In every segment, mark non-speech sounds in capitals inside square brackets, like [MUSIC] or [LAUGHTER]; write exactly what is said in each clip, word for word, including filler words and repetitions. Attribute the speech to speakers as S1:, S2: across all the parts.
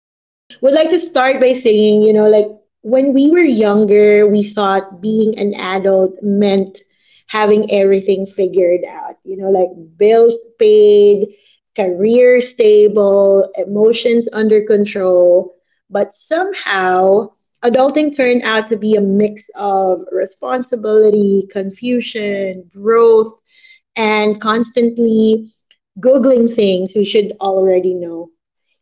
S1: And would like to start by saying, you know, like when we were younger, we thought being an adult meant having everything figured out, you know, like bills paid, career stable, emotions under control but somehow, adulting turned out to be a mix of responsibility, confusion, growth, and constantly Googling things we should already know.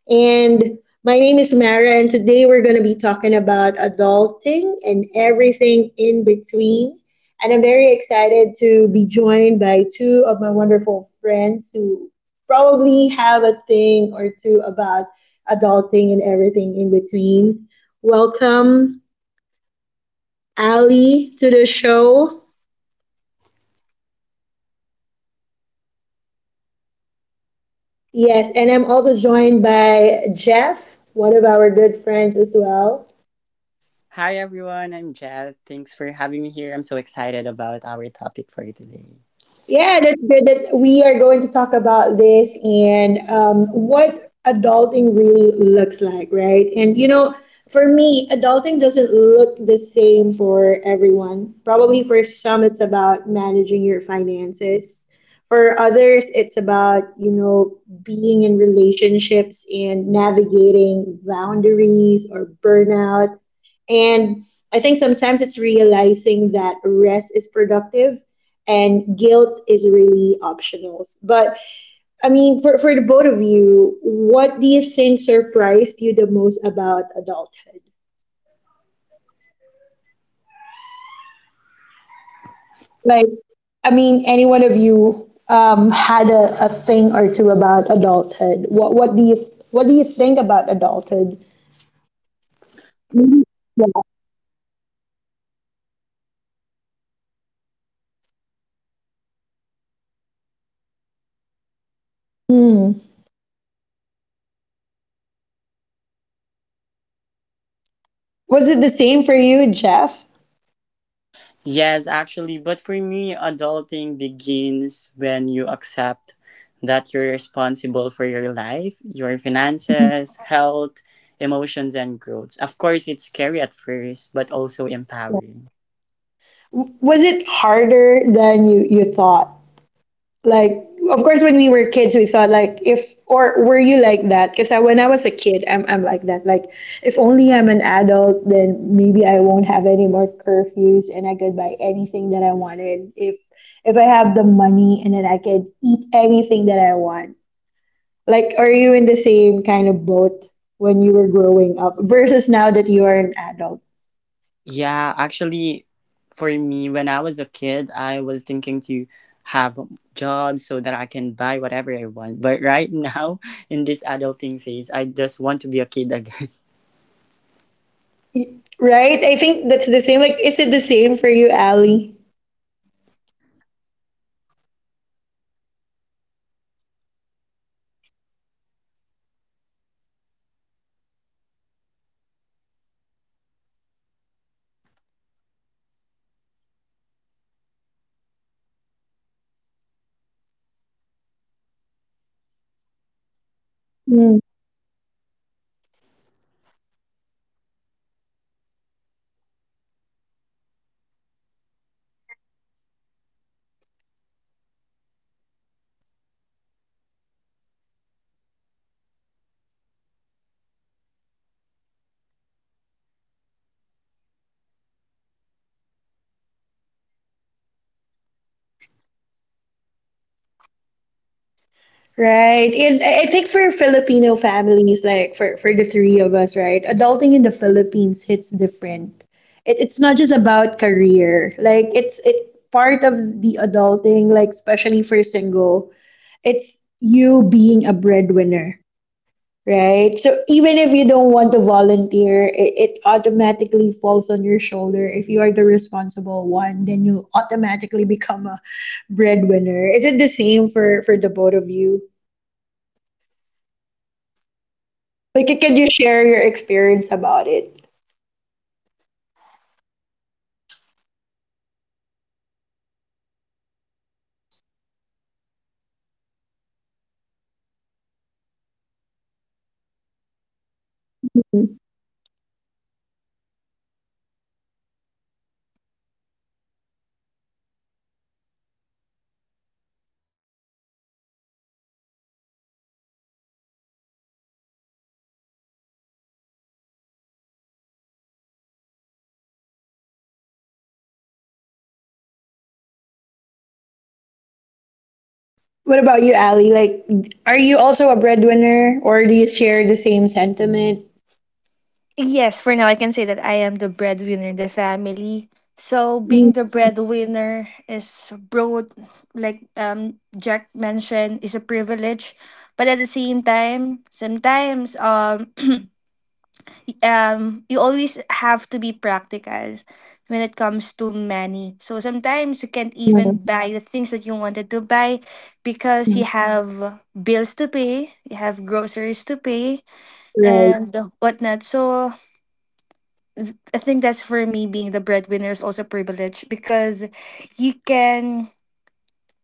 S1: And my name is Mara, and today we're going to be talking about adulting and everything in between. And I'm very excited to be joined by two of my wonderful friends who probably have a thing or two about adulting and everything in between. Welcome, Ali, to the show.
S2: Hi, Asunmara. Thanks for having me again, and hi to everyone.
S1: Yes, and I'm also joined by Jeff, one of our good friends as well.
S3: Hi everyone, I'm Jad. Thanks for having me here. I'm so excited about our topic for today.
S1: Yeah, that, that, that we are going to talk about this and um, what adulting really looks like, right? And you know, for me, adulting doesn't look the same for everyone. Probably for some, it's about managing your finances. For others, it's about, you know, being in relationships and navigating boundaries or burnout. And I think sometimes it's realizing that rest is productive and guilt is really optional. But I mean, for, for the both of you, what do you think surprised you the most about adulthood? Like, I mean, any one of you um, had a, a thing or two about adulthood. What what do you what do you think about adulthood?
S2: For me,
S1: Mhm. Yeah.
S2: adulthood is um, having a lot of rens- responsibilities, and of course, you have obligations.
S1: Mm.
S2: Um, not just for your family, of course, for yourself as well.
S1: Was it the same for you, Jeff?
S3: Yes, actually, but for me, adulting begins when you accept that you're responsible for your life, your
S1: Yeah.
S3: finances, health, emotions, and growth. Of course, it's scary at first, but also empowering.
S1: Was it harder than you, you thought? Like, of course, when we were kids, we thought like, if or were you like that? Because I, when I was a kid, I'm I'm like that. Like, if only I'm an adult, then maybe I won't have any more curfews, and I could buy anything that I wanted. If if I have the money, and then I could eat anything that I want. Like, are you in the same kind of boat when you were growing up versus now that you are an adult?
S3: Yeah, actually, for me, when I was a kid, I was thinking to have jobs so that I can buy whatever I want. But right now, [LAUGHS] in this adulting phase, I just want to be a kid again. [LAUGHS]
S1: Y- Right? I think that's the same. Like, is it the same for you, Ali?
S2: Um, part yes. Uh, when I was a um a kid, or when I was in elementary, I thought being an adult is you have the free I, I mean, you have the will to do anything that you want, but not just that. Uh, When I he, when I'm here in adulting phase, um, I really thought that I think, not I think, I was able to um this I was able to see what is the word really looks like, what you need to do, what um what everyone expects you to do, what needs you what you need to um to give something like that.
S1: Right. And I I think for Filipino families, like for, for the three of us, right? Adulting in the Philippines hits different. It, it's not just about career. Like it's it part of the adulting, like especially for single, it's you being a breadwinner. Right. So even if you don't want to volunteer, it, it automatically falls on your shoulder. If you are the responsible one, then you'll automatically become a breadwinner. Is it the same for, for the both of you?
S3: Yeah, I agree.
S1: Like, can you share your experience about it?
S3: Yeah, because I'm also a breadwinner in my family, so it's really hard for me to, um, you know, um, in this adulting phase, because
S1: Mhm.
S3: I really have a lot of responsibilities when but but back then when I was a kid or when I was a child, I have a lot of freedoms. I lo- I have a lot of privilege, but now it's all gone. I have a lot of responsibilities and obligations rather than privilege and freedom.
S1: What about you, Ali? Like, are you also a breadwinner, or do you share the same sentiment?
S2: Yes, for now I can say that I am the breadwinner in the family. So
S1: Mm,
S2: being the breadwinner is broad, like um Jack mentioned, is a privilege, but at the same time, sometimes um [CLEARS THROAT] um you always have to be practical when it comes to money. So sometimes you can't
S1: mm,
S2: even buy the things that you wanted to buy because you
S1: mm,
S2: have bills to pay, you have groceries to pay,
S1: right.
S2: and whatnot. So I think that's for me, being the breadwinner is also a privilege because you can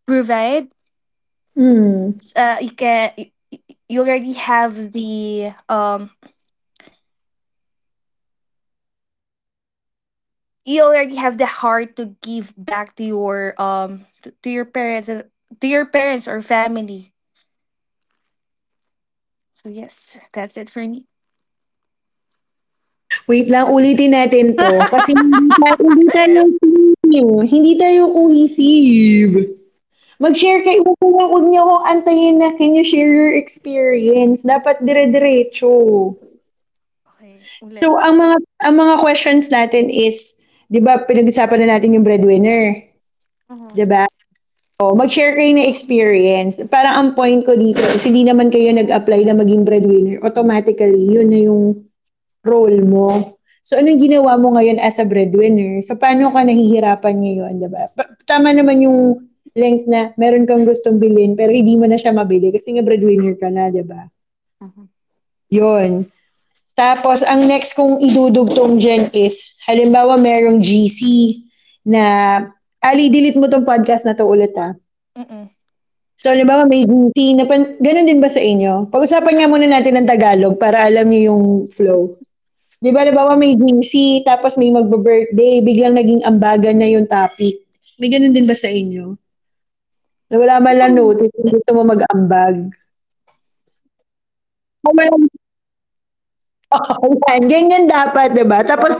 S2: provide.
S1: Hmm.
S2: Uh, you can you already have the um you already have the heart to give back to your um to, to your parents and to your parents or family. So yes, that's it for me.
S1: Wait lang, ulitin natin
S2: [LAUGHS]
S1: to. Kasi
S2: okay,
S1: hindi tayo, hindi tayo team. Hindi tayo cohesive. Mag-share kayo. Huwag niyo, huwag niyo akong antayin na can you share your experience. Dapat dire-diretso. So,
S2: ulit.
S1: ang mga, ang mga questions natin is, di ba, pinag-usapan na natin yung breadwinner.
S2: Mhm.
S1: Diba. O, mag-share kayo ng experience. Parang ang point ko dito is hindi naman kayo nag-apply na maging breadwinner. Automatically, yun na yung role mo. So, anong ginawa mo ngayon as a breadwinner? So, paano ka nahihirapan ngayon, di ba? Pa- tama naman yung length na meron kang gustong bilhin pero hindi mo na siya mabili kasi nga breadwinner ka na, diba ba?
S2: Mhm.
S1: Yun. Tapos, ang next kong idudugtong dyan is, halimbawa merong G C na, Ali, delete mo tong podcast na to ulit ah.
S2: Mm-mm.
S1: So, halimbawa may duty na pan gano'n din ba sa inyo? Pag-usapan nga muna natin ng Tagalog para alam niyo yung flow. 'Di ba halimbawa may G C tapos may magbi-birthday, biglang naging ambagan na yung topic. May gano'n din ba sa inyo? Na wala man lang
S2: Mm.
S1: notice kung gusto mo mag-ambag.
S3: Ay, wala. Ano, ako,
S1: Kung wala
S3: ako na agad. Ako na agad.
S1: [LAUGHS] oo, yan, ganyan dapat 'di ba? Tapos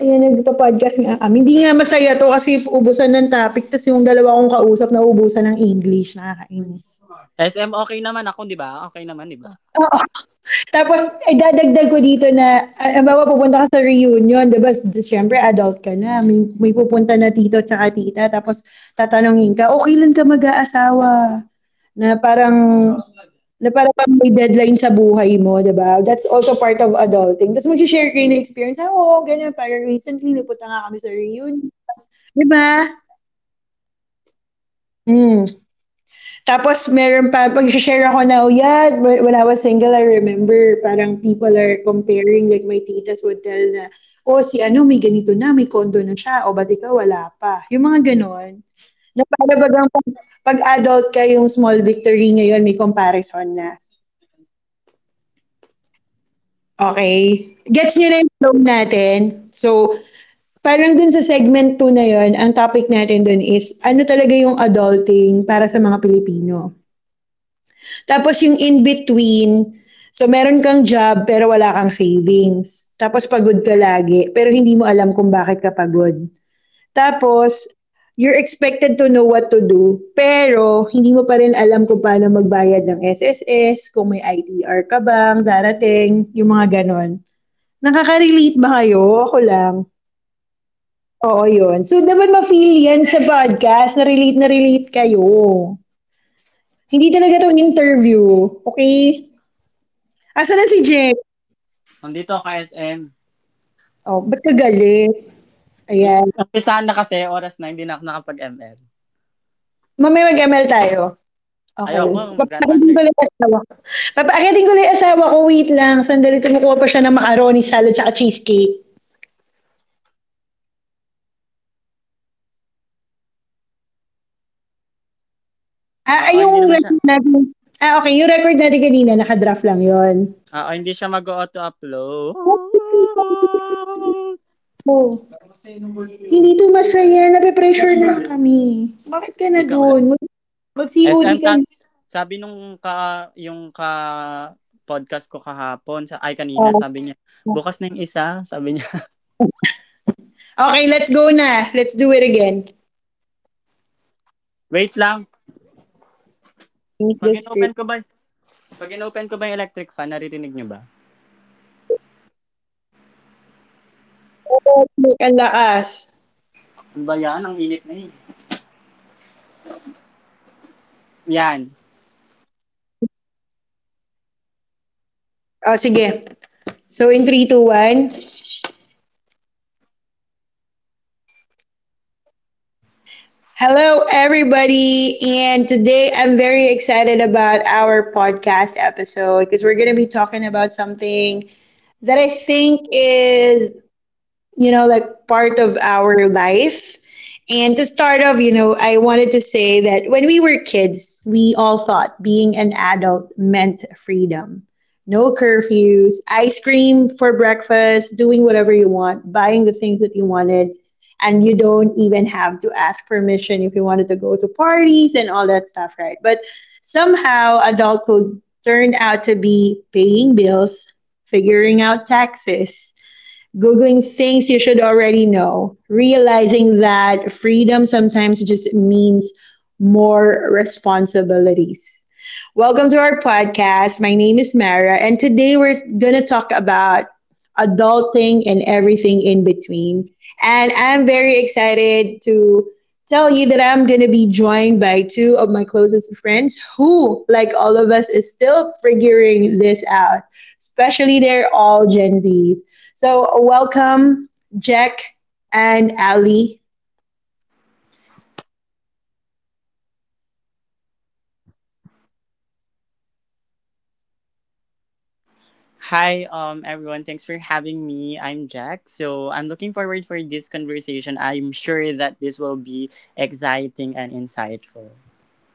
S1: ayan, nagpo-podcast nga kami. Hindi nga masaya 'to kasi ubusan ng topic tapos yung dalawa kong kausap na ubusan ng English, nakakainis.
S3: [LAUGHS] S M, okay naman ako, di ba? Okay naman, di ba?
S1: Tapos, idadagdag ko dito na, ah, halimbawa pupunta ka sa reunion, di ba? S- Siyempre, adult ka na. May, may pupunta na tito tsaka tita. Tapos, tatanungin ka, okay lang ka mag-aasawa? Na parang,
S2: Mm.
S1: na parang pag may deadline sa buhay mo, di. That's also part of adulting. Tapos, mag-share kayo ng experience. Ah, oo, ganyan. Parang recently, napunta nga kami sa reunion. Di. Mm. Tapos, meron pa, pag share ako na, oh yeah, when I was single, I remember, parang people are comparing, like my titas would tell na, oh, si ano, may ganito na, may condo na siya, o ba't ikaw, wala pa. Yung mga ganon.
S2: Mm-mm.
S1: Na para
S2: Okay.
S1: bagang pag, pag adult ka, yung small victory ngayon, may comparison na. Okay? Gets nyo
S2: Okay.
S1: na yung flow natin? So, parang dun sa segment two na yon ang topic natin dun is, ano talaga yung adulting para sa mga Pilipino? Tapos yung in-between, so meron kang job pero wala kang savings. Tapos pagod ka lagi pero hindi mo alam kung bakit ka pagod. Tapos, you're expected to know what to do pero hindi mo pa rin alam kung paano magbayad ng S S S, kung may I T R ka bang darating, yung mga ganon. Nakaka-relate ba kayo? Ako lang.
S2: Yes and yes.
S1: Oo, yun. So, dapat ma-feel yan sa podcast. Na-relate na relate kayo. Hindi talaga to interview. Okay? Asa na si Jen?
S3: Nandito ako, S M.
S1: Oh, ba't ka galit? Ayan.
S3: Umpisa na kasi, oras na, hindi na ako nakapag-M L.
S1: Mamaya mag-M L tayo. Okay.
S3: Ayoko,
S1: Papaakitin
S3: grandmaster
S1: ko
S2: S
S1: lang
S3: ka.
S1: yung asawa ko. Papaakitin ko lang yung asawa ko, wait lang. Sandali, kumukuha pa siya ng macaroni salad sa cheesecake.
S2: di pala siya nag-o-auto-upload, S M, nasa record mo lang siya, mamimili ka ng i-upload mo. So, okay lang yun, naka-draft lang siya, parang gano'n.
S1: Ah,
S3: Oo,
S1: ay
S3: hindi
S1: yung
S3: naman siya.
S1: record natin ah, okay yung record natin kanina naka-draft lang yon.
S3: Oo,
S2: Yes.
S3: hindi siya mag-auto-upload.
S1: Oh, hindi 'to masaya, nape-pressure na kami. Bakit ka na
S3: Ikaw
S1: dun?
S3: lang.
S1: Mag Mag-COD
S3: S M
S1: ka
S3: Tat,
S1: na.
S3: sabi nung ka, yung ka podcast ko kahapon, sa, ay kanina, sabi niya, bukas na yung isa, sabi niya,
S1: Okey, let's go na. Let's do it again.
S2: Wait lang S M,
S3: [LAUGHS]
S2: gawa ko
S3: wait
S2: bag.
S3: lang,
S1: Read
S2: Dito
S3: pag
S1: the
S2: na lang ba
S1: script.
S3: in-open ko
S2: ulit?
S3: ba, pag in-open ko ba yung electric fan, naririnig niyo ba?
S1: Ang lakas.
S3: Ano ba yan? Ang init na yun. Yan,
S2: Dito na lang tayo ulit mag-ano, mag-record, i-edit ko na lang.
S1: Oh, sige. So in three two, one.
S2: Okey, in three two one.
S1: Hello, everybody, and today I'm very excited about our podcast episode because we're going to be talking about something that I think is you know, like part of our life. And to start off, you know, I wanted to say that when we were kids, we all thought being an adult meant freedom. No curfews, ice cream for breakfast, doing whatever you want, buying the things that you wanted, and you don't even have to ask permission if you wanted to go to parties and all that stuff, right? But somehow adulthood turned out to be paying bills, figuring out taxes, Googling things you should already know, realizing that freedom sometimes just means more responsibilities. Welcome to our podcast. My name is Mara, and today we're going to talk about adulting and everything in between. And I'm very excited to tell you that I'm going to be joined by two of my closest friends who, like all of us, is still figuring this out, especially they're all Gen Zs. So, welcome, Jack and Ali.
S2: Hi everyone! Hi Azamara, thank you for having me again and looking forward to our conversations.
S3: hi, um, everyone. Thanks for having me. I'm Jack. So I'm looking forward for this conversation. I'm sure that this will be exciting and insightful.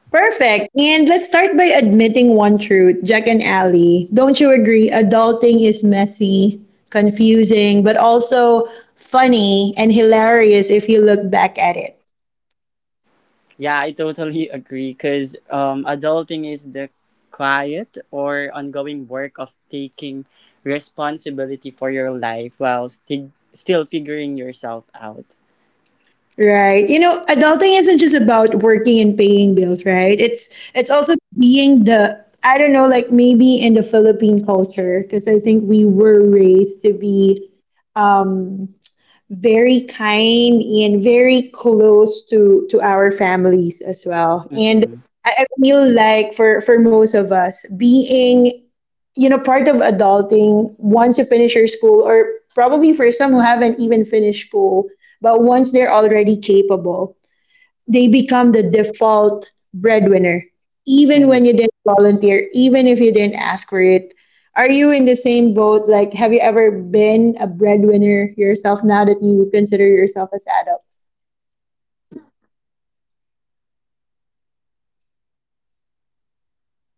S1: Perfect. And let's start by admitting one truth, Jack and Allie. Don't you agree? Adulting is messy, confusing, but also funny and hilarious if you look back at it.
S3: Yeah, I totally agree. Cause um, adulting is the quiet or ongoing work of taking responsibility for your life while sti- still figuring yourself out.
S1: Right. You know, adulting isn't just about working and paying bills, right? It's
S2: Mhm,
S1: it's also being the I don't know, like maybe in the Philippine culture, because I think we were raised to be um very kind and very close to to our families as well
S2: mhm,
S1: and
S3: Mm-hmm.
S1: I, I feel like for for most of us being you know part of adulting once you finish your school or probably for some who haven't even finished school but once they're already capable they become the default breadwinner, even
S2: mhm.
S3: Mm-hmm.
S1: when you didn't volunteer, even if you didn't ask for it. Are you in the same boat? Like, have you ever been a breadwinner yourself now that you consider yourself as adults?
S2: Yes, now, um, since I already had a work, I had to provide,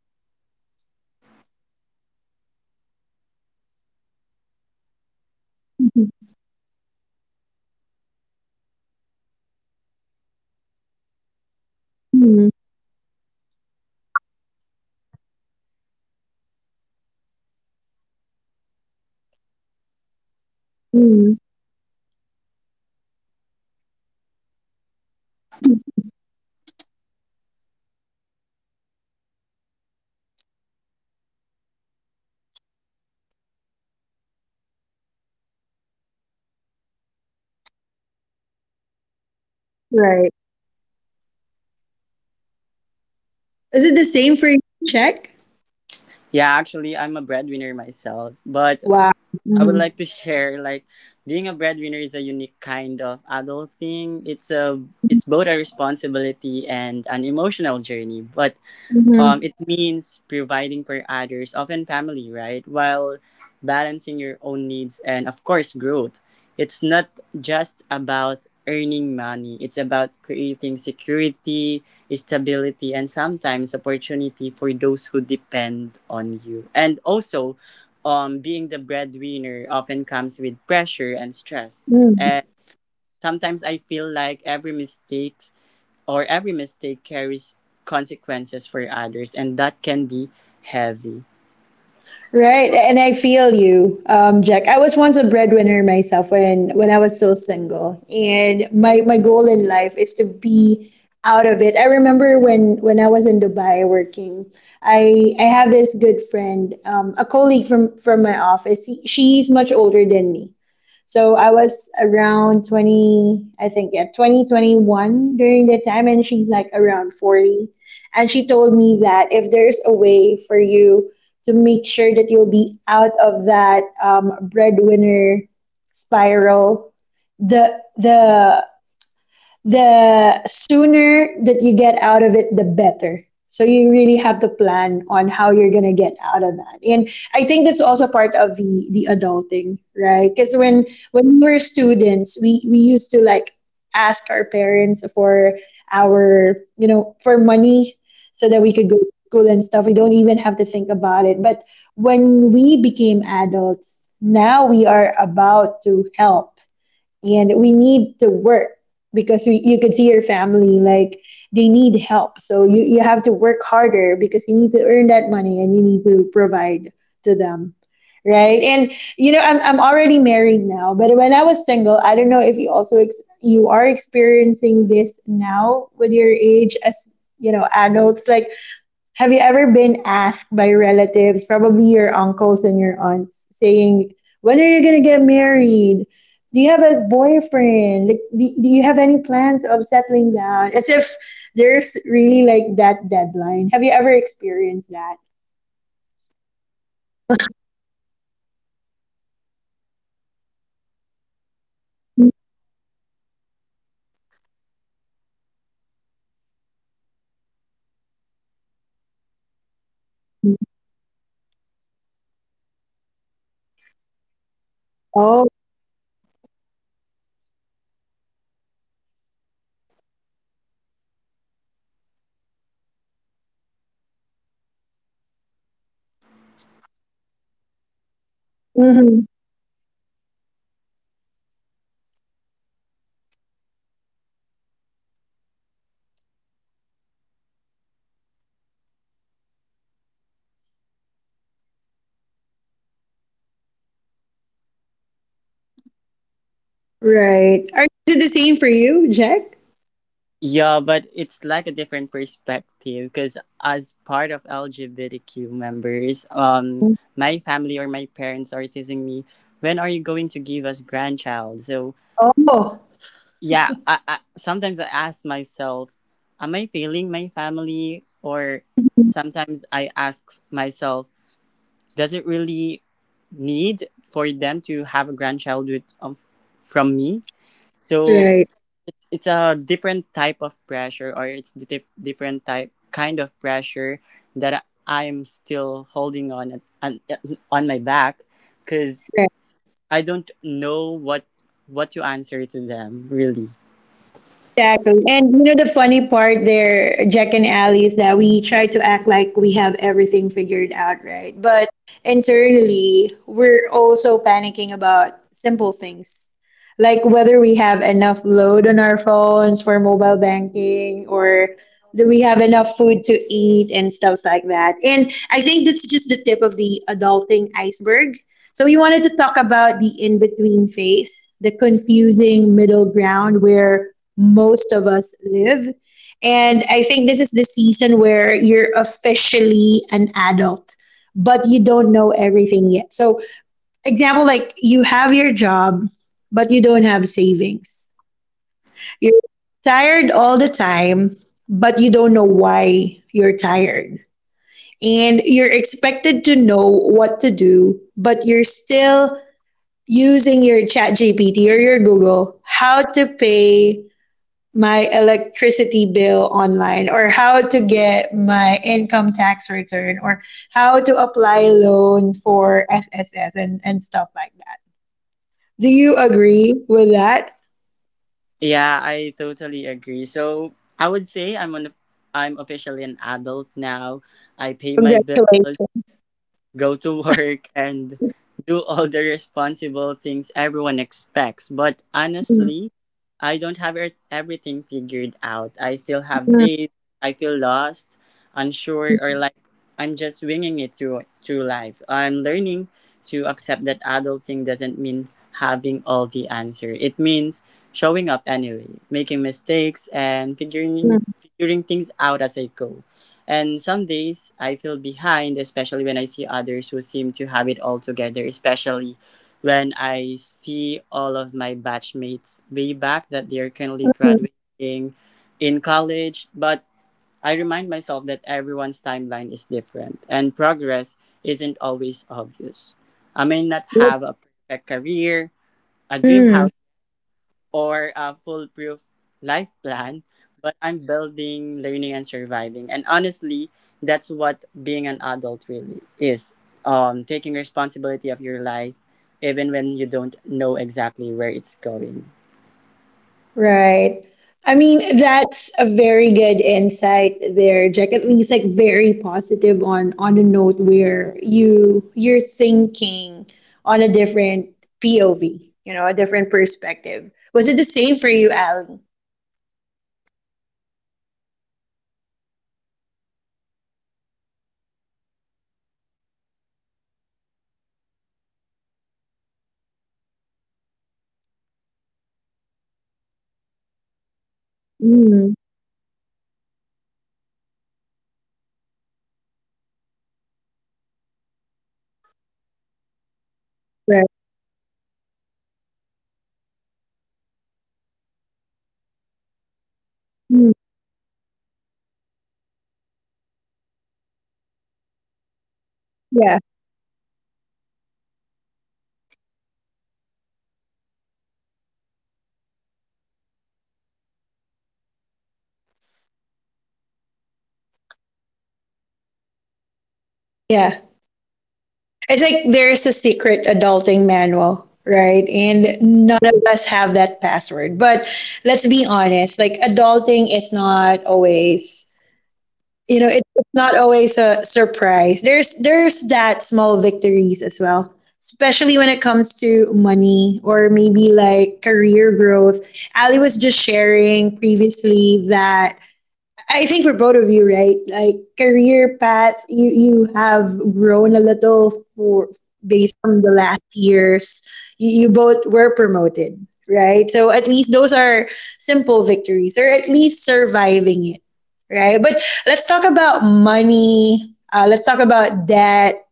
S2: um, to our family, for example, groceries. I have to pay bills and whatnot. You know
S1: Mhm.
S2: what, Dara? Uh, when I was a kid, I I wanted to I wanted to be an adult already, because
S1: Mhm.
S2: if you're already an adult, you know you have the will to, you know, sometimes not to listen to your parents because you are already an adult. So now
S1: Mhm.
S2: that I am already an adult, I wanted to be a kid again because um, being an adult is really an eye opener. You already see things. You can you, you can see the the word as is. You have to learn a lot. It is really
S1: Right.
S2: an eye op- eye opener when you're an adult.
S1: Is it the same for you, check?
S3: Yeah, actually, I'm a breadwinner myself, but
S1: Wow.
S3: I would
S1: Mm-hmm.
S3: like to share like being a breadwinner is a unique kind of adult thing. It's a it's both a responsibility and an emotional journey. But um,
S1: Mm-hmm.
S3: it means providing for others, often family, right? While balancing your own needs and, of course, growth. It's not just about earning money, it's about creating security, stability, and sometimes opportunity for those who depend on you. And also, um, being the breadwinner often comes with pressure and stress.
S1: Mm-hmm.
S3: And sometimes I feel like every mistake or every mistake carries consequences for others and that can be heavy.
S1: Right, and I feel you, um, Jack. I was once a breadwinner myself when when I was still single, and my my goal in life is to be out of it. I remember when when I was in Dubai working, I I have this good friend, um, a colleague from from my office. She, she's much older than me, so I was around twenty, I think, yeah, twenty twenty-one during that time, and she's like around forty. And she told me that if there's a way for you to make sure that you'll be out of that um, breadwinner spiral, the the the sooner that you get out of it, the better. So you really have to plan on how you're gonna get out of that. And I think that's also part of the the adulting, right? Because when
S2: Hmm.
S1: when we were students, we we used to like ask our parents for our you know for money so that we
S2: Hmm.
S1: could go to school and stuff. We don't even have to think about it. But when we became adults, now we are about to help and we need to work because we, you could see your family like they need help so you, you have to work harder because you need to earn that money and you need to provide to them. Right. And you know i'm, I'm already married now, but when I was single, I don't know if you also ex- you are experiencing this now with your age as you know adults. Like, have you ever been asked by relatives, probably your uncles and your aunts, saying, when are you going to get married? Do you have a boyfriend? Like, do, do you have any plans of settling down? As if there's really like that deadline. Have you ever experienced that?
S2: Yes, me. [LAUGHS] Actually, we had a, a family reunion yesterday in my mother's side. Um, Two of my cousins um teasing me, "Okay, Ali, where's your boyfriend? Why is it not here?" As they thought I had, I had one. Um,
S1: Oh.
S2: so I answered them back na that um not yet. There's not yet the time. [LAUGHS] I was recently, quote unquote, broken. [LAUGHS] so
S1: Mhm.
S2: um I feel a bit pressured at the same time. Um it was nice um s- telling them that you are not ready. It means that um you are being true to them. At the same time, you are being true to yourself.
S1: Right. Are, is it the same for you, Jack?
S3: Yeah, but it's like a different perspective because as part of LGBTQ members, um my family or my parents are teasing me, when are you going to give us grandchild? So
S1: Oh.
S3: yeah, i, I sometimes I ask myself, am I failing my family? Or sometimes I ask myself, does it really need for them to have a grandchild with um from me? So
S1: Right.
S3: it's a different type of pressure, or it's the dif- different type kind of pressure that I'm still holding on on, on my back, because I don't know what what to answer to them really.
S1: Exactly. And you know the funny part there, Jack and Ali, is that we try to act like we have everything figured out, right? But internally, we're also panicking about simple things. Like whether we have enough load on our phones for mobile banking or do we have enough food to eat and stuff like that. And I think that's just the tip of the adulting iceberg, so we wanted to talk about the in-between phase, the confusing middle ground where most of us live. And I think this is the season where you're officially an adult, but you don't know everything yet. So, example, like you have your job, but you don't have savings.
S2: Mm.
S1: You're tired all the time, but you don't know why you're tired, and you're expected to know what to do, but you're still using your ChatGPT or your Google how to pay my electricity bill online or how to get my income tax return or how to apply loan for S S S and, and stuff like that. Do you agree with that?
S3: Yeah, I totally agree. So I would say i'm on i'm officially an adult now. I pay my bills,
S1: Congratulations.
S3: go to [LAUGHS] work, and do all the responsible things everyone expects. But honestly, I don't have er- everything figured out. I still have days I feel lost, unsure, or like I'm just winging it through through life. I'm learning to accept that adulting doesn't mean having all the answer. It means showing up anyway, making mistakes, and figuring figuring things out as I go. And some days I feel behind, especially when I see others who seem to have it all together, especially when I see all of my batchmates way back that they're currently graduating in college. But I remind myself that everyone's timeline is different and progress isn't always obvious. I may not have a perfect career, a dream
S1: Mm.
S3: house, or a foolproof life plan, but I'm building, learning, and surviving. And honestly, that's what being an adult really is, um, taking responsibility of your life, even when you don't know exactly where it's going.
S1: Right. I mean, that's a very good insight there, Jack. At least like very positive on on a note where you you're thinking on a different P O V, you know, a different perspective. Was it the same for you, Ali?
S2: for now um you know what, as a and jack, uh I have this in me wherein I am eager to know what's my um taxes for, you know, that feel health big ebig and whatnot. So
S1: Mm.
S2: when you see your pay sleep, you're you are um You're confused of what you've got, your net and your gross. So
S1: Right.
S2: so when you're an adult, you need to have that eagerness to know what is the
S1: Mm,
S2: tax the tax is for, what is the philhead what is the philhead is for, and
S1: yeah.
S2: whatnot. So in that case, um, so this is how adulting feels like. You have to know everything. You know how um the the world works for
S1: Yeah.
S2: something like that.
S1: It's like there's a secret adulting manual, right? And none of us have that password. But let's be honest, like adulting is not always, you know,
S3: Hmm.
S1: it, it's not always a surprise. There's there's that small victories as well, especially when it comes to money or maybe like career growth. Ali was just sharing previously that I think for both of you, right? Like career path, you you have grown a little for
S3: Hmm.
S1: based from the last years. You, you both were promoted, right? So at least those are simple victories, or at least surviving it, right? But let's talk about money. Uh, let's talk about debt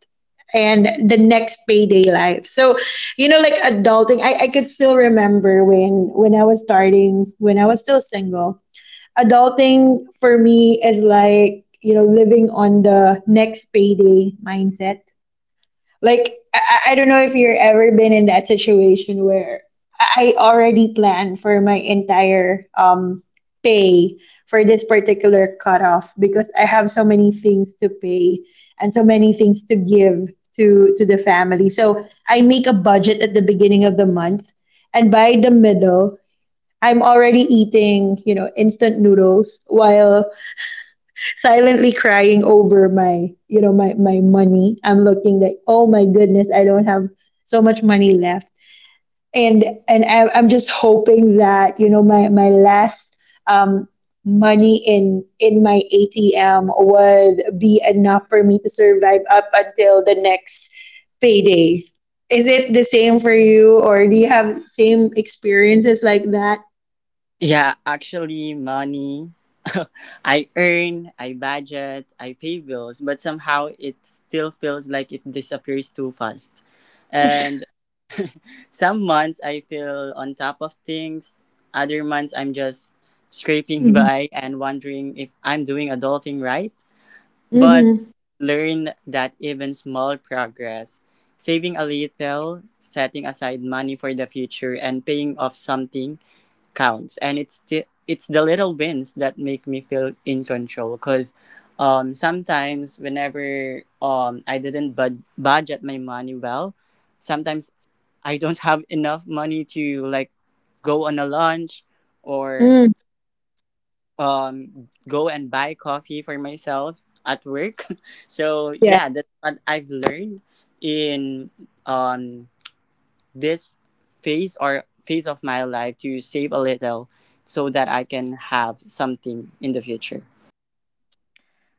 S1: and the next payday life. So, you know, like adulting, I, I could still remember when when I was starting, when I was still single adulting for me is like you know living on the next payday mindset like I, I I don't know if you've ever been in that situation where i I already plan for my entire um pay for this particular cutoff because I have so many things to pay and so many things to give to to the family. So I make a budget at the beginning of the month, and by the middle I'm already eating, you know, instant noodles while silently crying over my, you know, my, my money. I'm looking like, oh my goodness, I don't have so much money left. And and I- I'm just hoping that, you know, my, my last um, money in in my A T M would be enough for me to survive up until the next payday. Is it the same for you, or do you have same experiences like that?
S3: Yeah, actually, money. [LAUGHS] I earn, I budget, I pay bills, but somehow it still feels like it disappears too fast. And some months I feel on top of things, other months I'm just scraping [LAUGHS] by and wondering if I'm doing adulting right. But
S1: Mhm.
S3: learn that even small progress, saving a little, setting aside money for the future, and paying off something counts. And it's the, it's the little wins that make me feel in control, cuz um, sometimes whenever um, I didn't bud- budget my money well, sometimes I don't have enough money to like go on a lunch or
S1: Mm,
S3: um go and buy coffee for myself at work. [LAUGHS] So
S1: yeah,
S3: yeah, that's what I've learned in um this phase or phase of my life, to save a little so that I can have something in the future.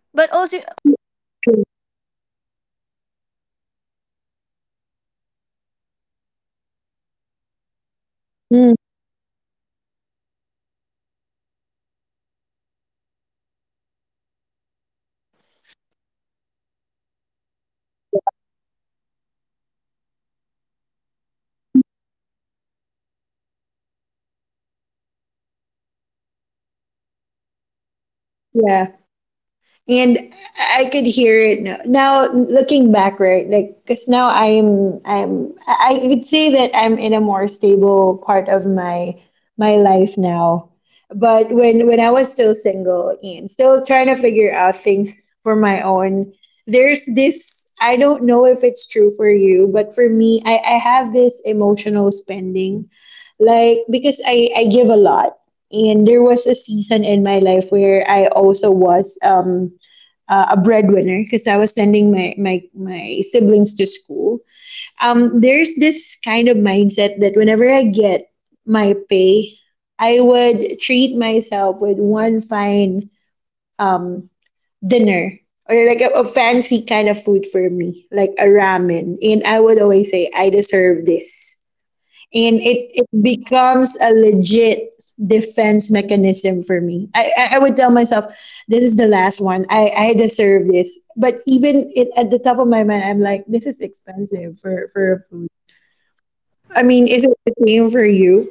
S2: But also, also know, you know,
S1: true.
S2: guys, um, money can also challenge us to be disciplined and thoughtful about what really matters, right?
S1: Mm,
S2: Money is about money is something we all deal with every day. Um, whether it's to support our family, in- invest in ourselves, or build the life we want. Adulting isn't about having all the money in the world. It's about learning how to make it work for you, right?
S1: yeah. And I could hear it now. Now looking back, right? Like, cause now I'm, I'm, I I could say that I'm in a more stable part of my my life now. But when when I was still single and still trying to figure out things for my own, there's this. I don't know if it's true for you, but for me, I I have this emotional spending like because I I give a lot. And there was a season in my life where I also was um uh, a breadwinner because I was sending my my my siblings to school. Um, there's this kind of mindset that whenever I get my pay, I would treat myself with one fine dinner, or like a, a fancy kind of food for me like a ramen, and I would always say I deserve this. And it, it becomes a legit defense mechanism for me. I, I, I would tell myself, this is the last one. I, I deserve this. But even it, at the top of my mind, I'm like, this is expensive for, for a food. I mean, is it the same for you?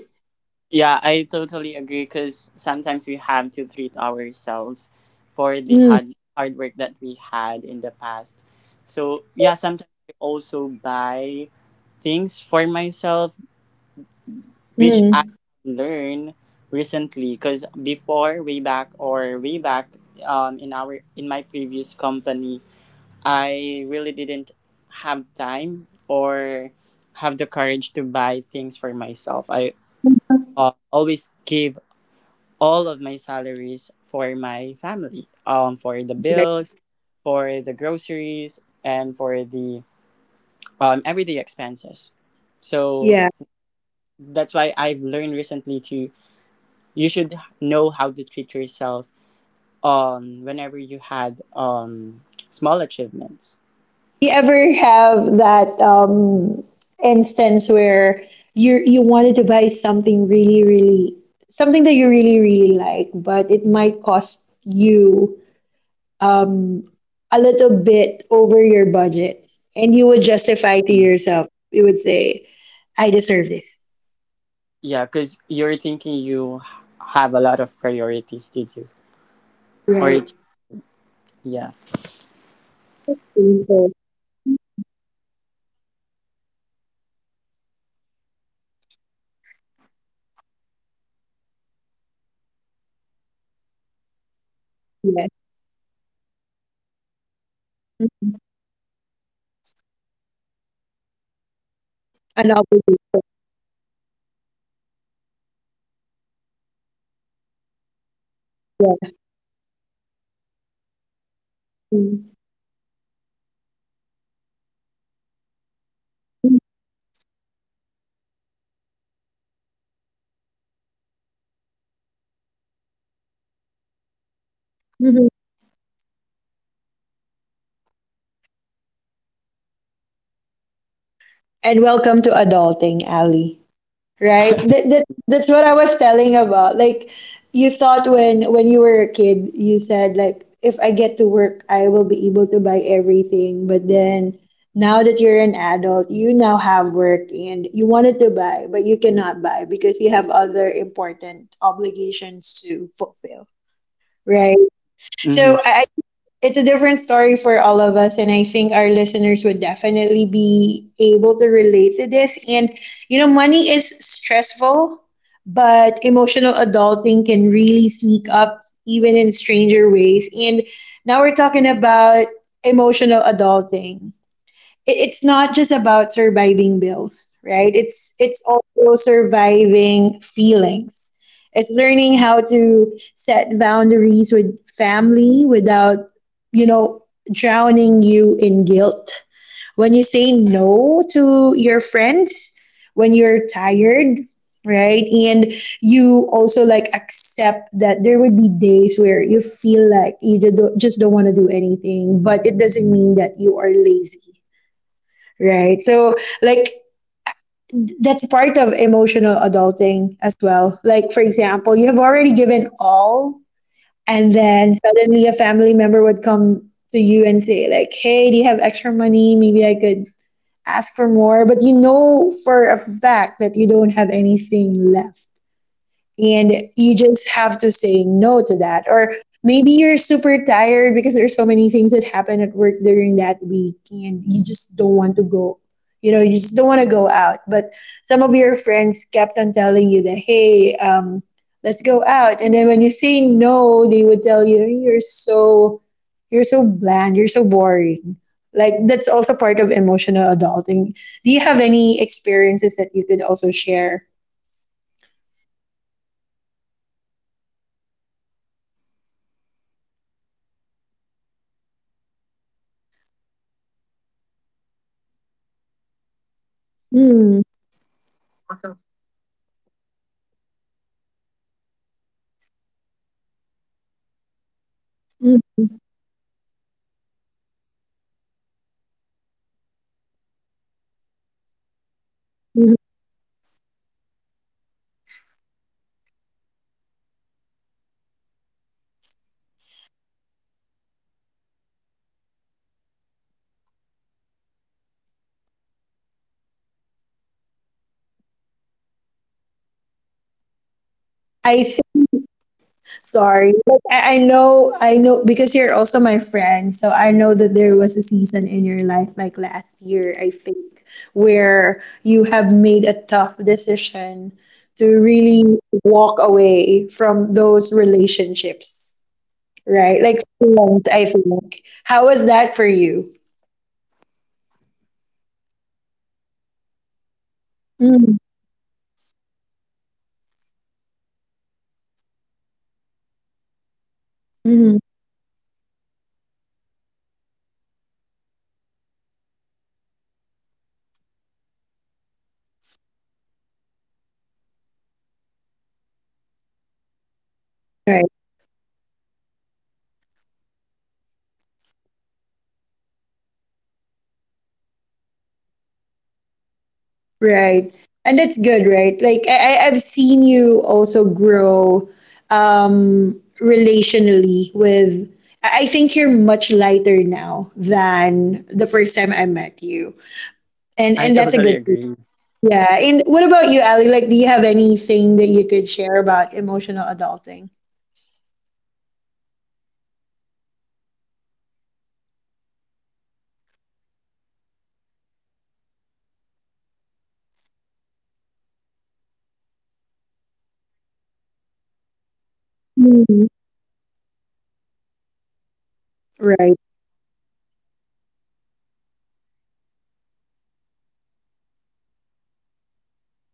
S3: Yeah, I totally agree because sometimes we have to treat ourselves for the
S1: Mm.
S3: hard, hard work that we had in the past. So, yeah, sometimes I also buy things for myself, which I
S1: Mm.
S3: learned recently because before, way back or way back um, in our in my previous company, I really didn't have time or have the courage to buy things for myself. I uh, always give all of my salaries for my family, um, for the
S1: Okay.
S3: bills, for the groceries, and for the um, everyday expenses. So
S1: Yeah.
S3: that's why I've learned recently to you should know how to treat yourself um whenever you had um small achievements.
S1: You ever have that um, instance where you you wanted to buy something really, really, something that you really, really like, but it might cost you um, a little bit over your budget, and you would justify to
S3: Mm.
S1: yourself, you would say, I deserve this,
S3: Yeah, because you're thinking you have a lot of priorities to do, or
S1: right?
S3: it, yeah.
S2: You know,
S1: Painful.
S2: sometimes um being a breadwinner is um it's not that uh, very good with ourselves, right? You agree? Because sometimes
S1: Yes.
S2: you really wanted to buy something, but you
S1: Mhm.
S2: really but you had the um yeah, then
S1: An
S2: telling says that
S1: opportunity.
S2: um I had I don't need to buy this thing because um I have to pay bills, uh,
S1: Yeah.
S2: pay gro- um buy groceries in our family. So
S1: Mhm.
S2: sometimes um when you get the, the your pay, y- you can't even buy the things that you wanted because you already you are a breadwinner. So you have to sacrifice what you want, but
S1: Mhm.
S2: you have to um focus on what your family needs.
S1: And welcome to adulting, Ali. Right. That, that that's what I was telling about. Like, you thought when when you were a kid you said like if I get to work I will be able to buy everything, but then now that you're an adult you now have work and you wanted to buy but you cannot buy because you have other important obligations to fulfill,
S2: Mm-hmm.
S1: right?
S3: Mm-hmm.
S1: So I it's a different story for all of us, and I think our listeners would definitely be able to relate to this. And you know money is stressful, but emotional adulting can really sneak up even in stranger ways. And now we're talking about emotional adulting. It- it's not just about surviving bills, right? It's
S2: Mm-hmm.
S1: it's also surviving feelings. It's learning how to set boundaries with family without, you know, drowning you in guilt, when you say no to your friends, when you're tired, right? And you also like accept that there would be days where you feel like you ju- don't- just don't want to do anything, but it doesn't mean that you are lazy. Right. So, like, that's part of emotional adulting as well. Like, for example, you have already given all, and
S2: Mm-hmm.
S1: then suddenly a family member would come to you and say, like, hey, do you have extra money? Maybe I could ask for more. But you know for a fact that you don't have anything left and you just have to say no to that. Or
S2: Mhm.
S1: maybe you're super tired because there's so many things that happen at work during that week and you just don't want to go, you know, you just don't want to go out, but some of your friends kept on telling you that, hey, um, let's go out, and then when you say no they would tell you you're so, you're so bland, you're so boring. Like that's also part of emotional adulting. Do you have any experiences that you could also share?
S3: Yeah, I think I don't have any. I don't think I can think of any experience right now, but I just would like to share some insights about emotional adulting. Because
S1: Mm.
S3: also, emotional adulting is realizing that life won't magically get easier, right? But you can
S1: Mm.
S3: get better at handling. It's also about taking responsibility for your feelings instead of blaming others, and learning to pause instead of reacting. It's also about band- boundaries as you've mentioned earlier, like saying no without guilt, walking away from toxic situations, and protecting your mental space. And
S1: I see.
S3: lastly, mhm,
S1: Sorry. Like, I, I know, I know, because you're also my friend. So I know that there was a season in your life, like last year, I think, where you have made a tough decision to
S3: mhm,
S1: really walk away from those relationships,
S3: yeah,
S1: right? Like,
S3: I-
S1: friends,
S3: actually
S1: I think. How was that for you?
S3: right now I'm at peace when um decided to um walk away from that toxic friendship, I might say. So
S1: Mm-hmm.
S3: yeah, it makes my life becomes light and easier. So um and also gives me a lot of um peace of mind and more friends because i removed myself or i moved away myself from the toxicity of the others or of that friendship.
S1: Right. And that's good, right? Like I, I I've seen you also grow um relationally with I I think you're much lighter now than the first time I met you. And
S3: I
S1: and that's a
S3: totally
S1: good thing.
S3: agree.
S1: Yeah. And what about you, Ali? Like do you have anything that you could share about emotional adulting?
S2: Um. Yep. Uh. Before. Um. I was too um, sensitive when someone meant when some when I hear feedback from someone and it is negative. Um.
S1: Mhm.
S2: I felt very heavy. I wasn't
S1: Right.
S2: able to focus on my tasks. So um. So this is what adulting feels like. I have to um.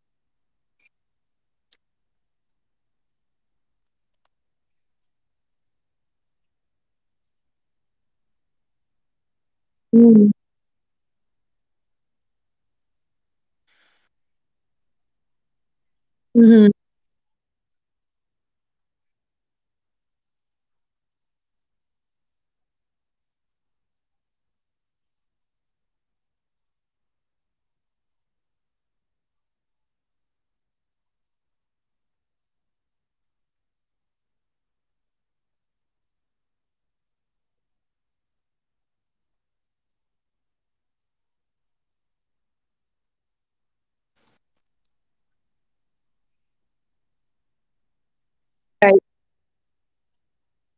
S2: I, I I received this um quote before. I don't know if it's from you or from other my other colleague that feedback is feedback. So now I can
S1: Mm-hmm.
S2: say that I am a little um braver than before. And I wanted to
S1: Mm-hmm.
S2: share Mhm. something that adulting is not is really um about stepping into your own life. It's waking up and realizing that you're the one shaping your own path, making choices, facing challenges, and celebrating victories, big or small. Sometimes it feels heavy, sometimes it feels exciting, but you know, it's always real. Adulting is learning to trust yourself, to keep going even when things don't make sense, and to find
S1: Right.
S2: joy in the everyday moments.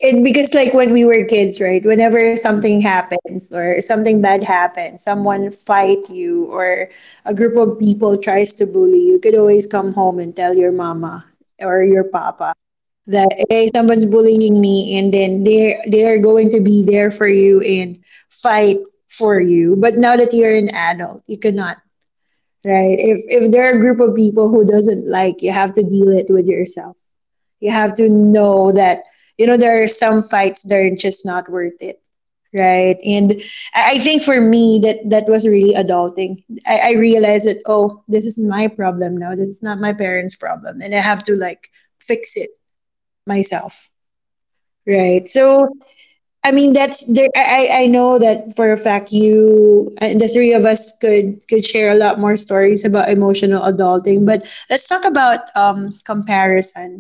S1: It because like when we were kids, right? Whenever something happens or something bad happens, someone fight you, or a group of people tries to bully you, you could always come home and tell your mama or your papa that, hey, someone's bullying me, and then they they are going to be there for you and fight for you. But now that you're an adult, you cannot, right? If if there are a group of people who doesn't like, you have to deal it with yourself. You have to know that you know there are some fights that are just not worth it, right? And I, I think for me that that was really adulting. I, I realized that, oh, this is my problem now. This is not my parents' problem, and I have to like fix it myself, right? So I mean, that's there. I I I know that for a fact. You, uh, the three of us, could could share a lot more stories about emotional adulting. But let's talk about um comparison.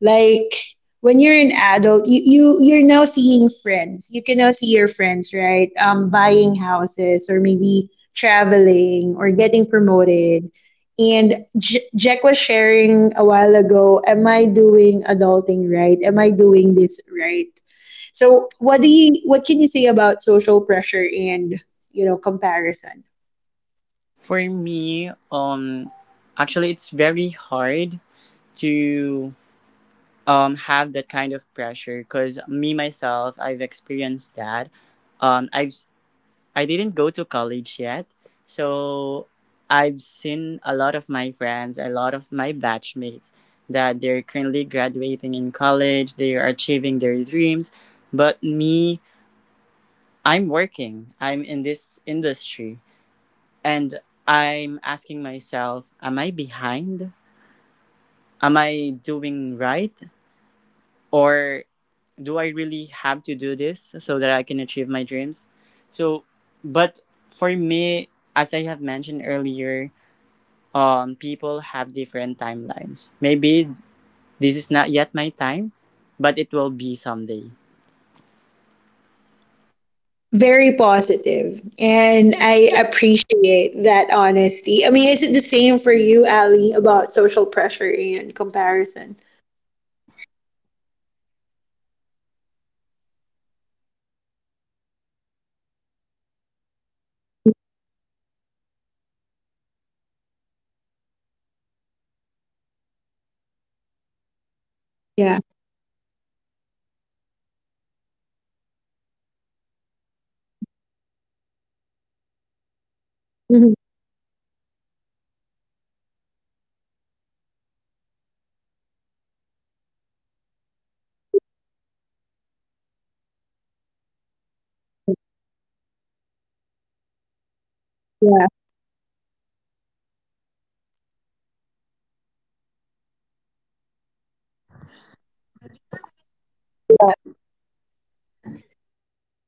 S1: Like when you're an adult, you, you you're now seeing friends. You can now see your friends, right? Um, buying houses or maybe traveling or getting promoted. And J- Jack was sharing a while ago, am I doing adulting right? Am I doing this right? So what do you what can you say about social pressure and you know comparison?
S3: For me, um actually it's very hard to um have that kind of pressure because me myself I've experienced that. Um, I've I didn't go to college yet, so I've seen a lot of my friends, a lot of my batchmates that they're currently graduating in college, they are achieving their dreams, but me, I'm working. I'm in this industry and I'm asking myself, am I behind? Am I doing right? Or do I really have to do this so that I can achieve my dreams? So, but for me, as I have mentioned earlier, um, people have different timelines. Maybe this is not yet my time, but it will be someday.
S1: Very positive, and I appreciate that honesty. I mean, is it the same for you, Ali, about social pressure and comparison?
S2: Yes, uh, you know, one of the things about being an adult is that we can't help but compare ourselves to others. We look at friends, coworkers, even people online, and we start measuring where we at our careers,
S1: Yeah.
S2: relationships, lifestyle, or personal growth, and that's normal. Social comparison can actually push us to grow, set
S1: Mhm.
S2: goals, and to see what's possible, but it can also weigh us down if we let it turn into self doubt or envy. The truth is, everyone's timeline is different. Just because someone seems ahead doesn't mean you're behind. It just
S1: Yeah.
S2: means your path looks different. And adulting is about learning to focus on your own progress, celebrating your wins, and using
S1: Yeah,
S2: comparison as inspiration instead of judgment.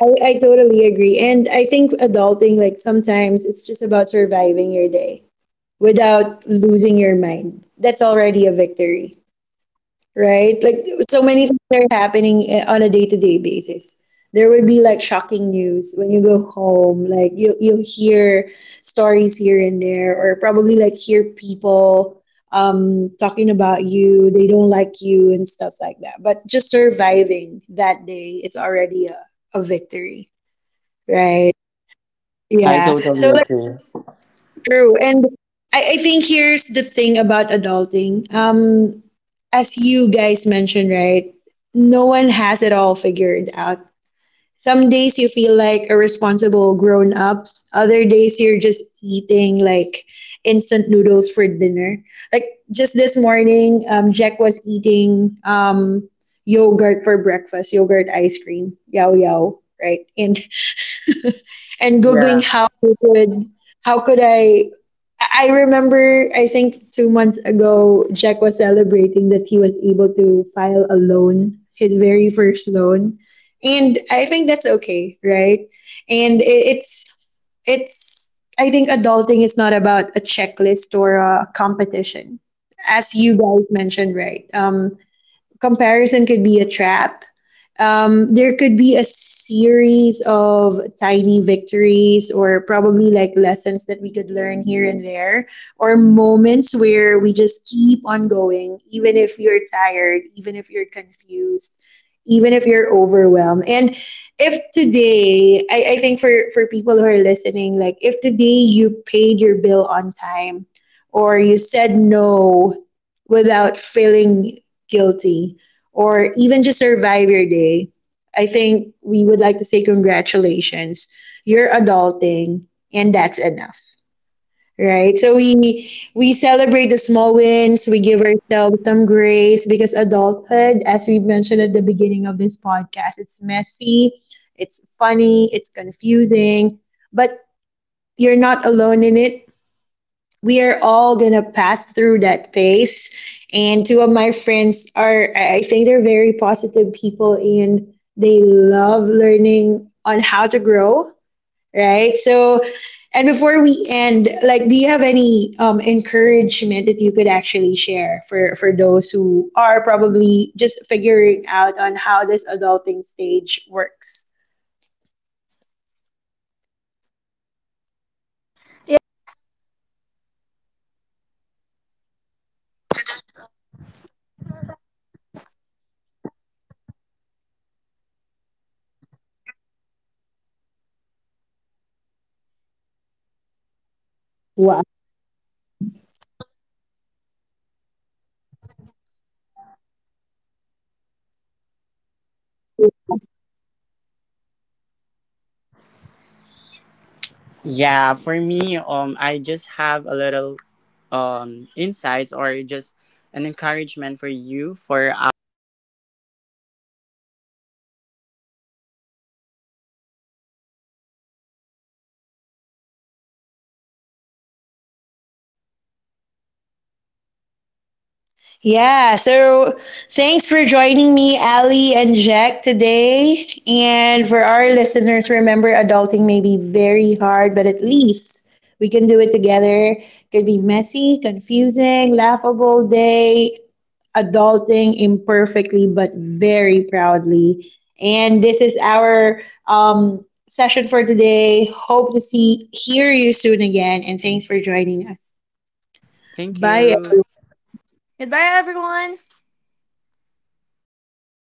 S1: I, I totally agree, and I think adulting, like, sometimes it's just about surviving your day without losing your mind, that's already a victory, right? Like,
S2: I
S1: so
S2: agree.
S1: many things are happening eh, on a day-to-day basis. There would be like shocking news when you go home. Like you you'll hear stories here and there, or probably like hear people um talking about you. They don't like you and stuff like that. But just surviving that day is already a, a victory,
S2: Mhm. I
S1: right?
S2: agree.
S4: I
S1: Yeah. So
S4: totally
S1: that's
S4: agree.
S1: true. And I, I think here's the thing about adulting. Um, as you guys mentioned, right? No one has it all figured out. Some days you feel like a responsible grown up, other days you're just eating like instant noodles for dinner. Like just this morning, um, Jack was eating um, yogurt for breakfast, yogurt ice cream, yao yao, right? And and googling
S4: Yeah.
S1: how would how could I I Remember, I think two months ago Jack was celebrating that he was able to file a loan, his very first loan. And I think that's okay, right? And i- it's it's I think, adulting is not about a checklist or a competition. As you guys mentioned, right? Um, comparison could be a trap. Um, there could be a series of tiny victories or probably like lessons that we could learn here and there, or moments where we just keep on going even if you're tired, even if you're confused, even if you're overwhelmed. And if today, I, I think for for people who are listening, like if today you paid your bill on time or you said no without feeling guilty or even just survive your day, I think we would like to say congratulations. You're adulting, and that's enough. Right? So we we celebrate the small wins, we give ourselves some grace, because adulthood, as we mentioned at the beginning of this podcast, it's messy, it's funny, it's confusing, but you're not alone in it. We are all gonna pass through that phase. And two of my friends are, I I think, they're very positive people and they love learning on how to grow, right? So, and before we end, like, do you have any um, encouragement that you could actually share for, for those who are probably just figuring out on how this adulting stage works?
S2: Yep. Um, to everyone who uh, who are listening to this um conversation, um, just wanted to know, let you know that adulting can feel overwhelming sometimes, but remember, you're doing better than you think. Every step you take, [LAUGHS] no matter how small, it is already progress. And it's not about being perfect. It's about showing up, learning, and growing.
S4: Yeah. For me, um, I just have a little um insights or just an encouragement for you for um our listeners. So adulting isn't about having it all figured out. It's about trying, learning, and keeping going. You're doing better than you think.
S1: Yeah, so thanks for joining me, Ali and Jack, today. And for our listeners, remember, adulting may be very hard, but at least we can do it together. Could be messy, confusing, laughable day, adulting imperfectly, but very proudly. And this is our um, session for today. Hope to see hear you soon again, and thanks for joining us.
S4: Thank
S1: Bye.
S4: you.
S2: Goodbye, everyone.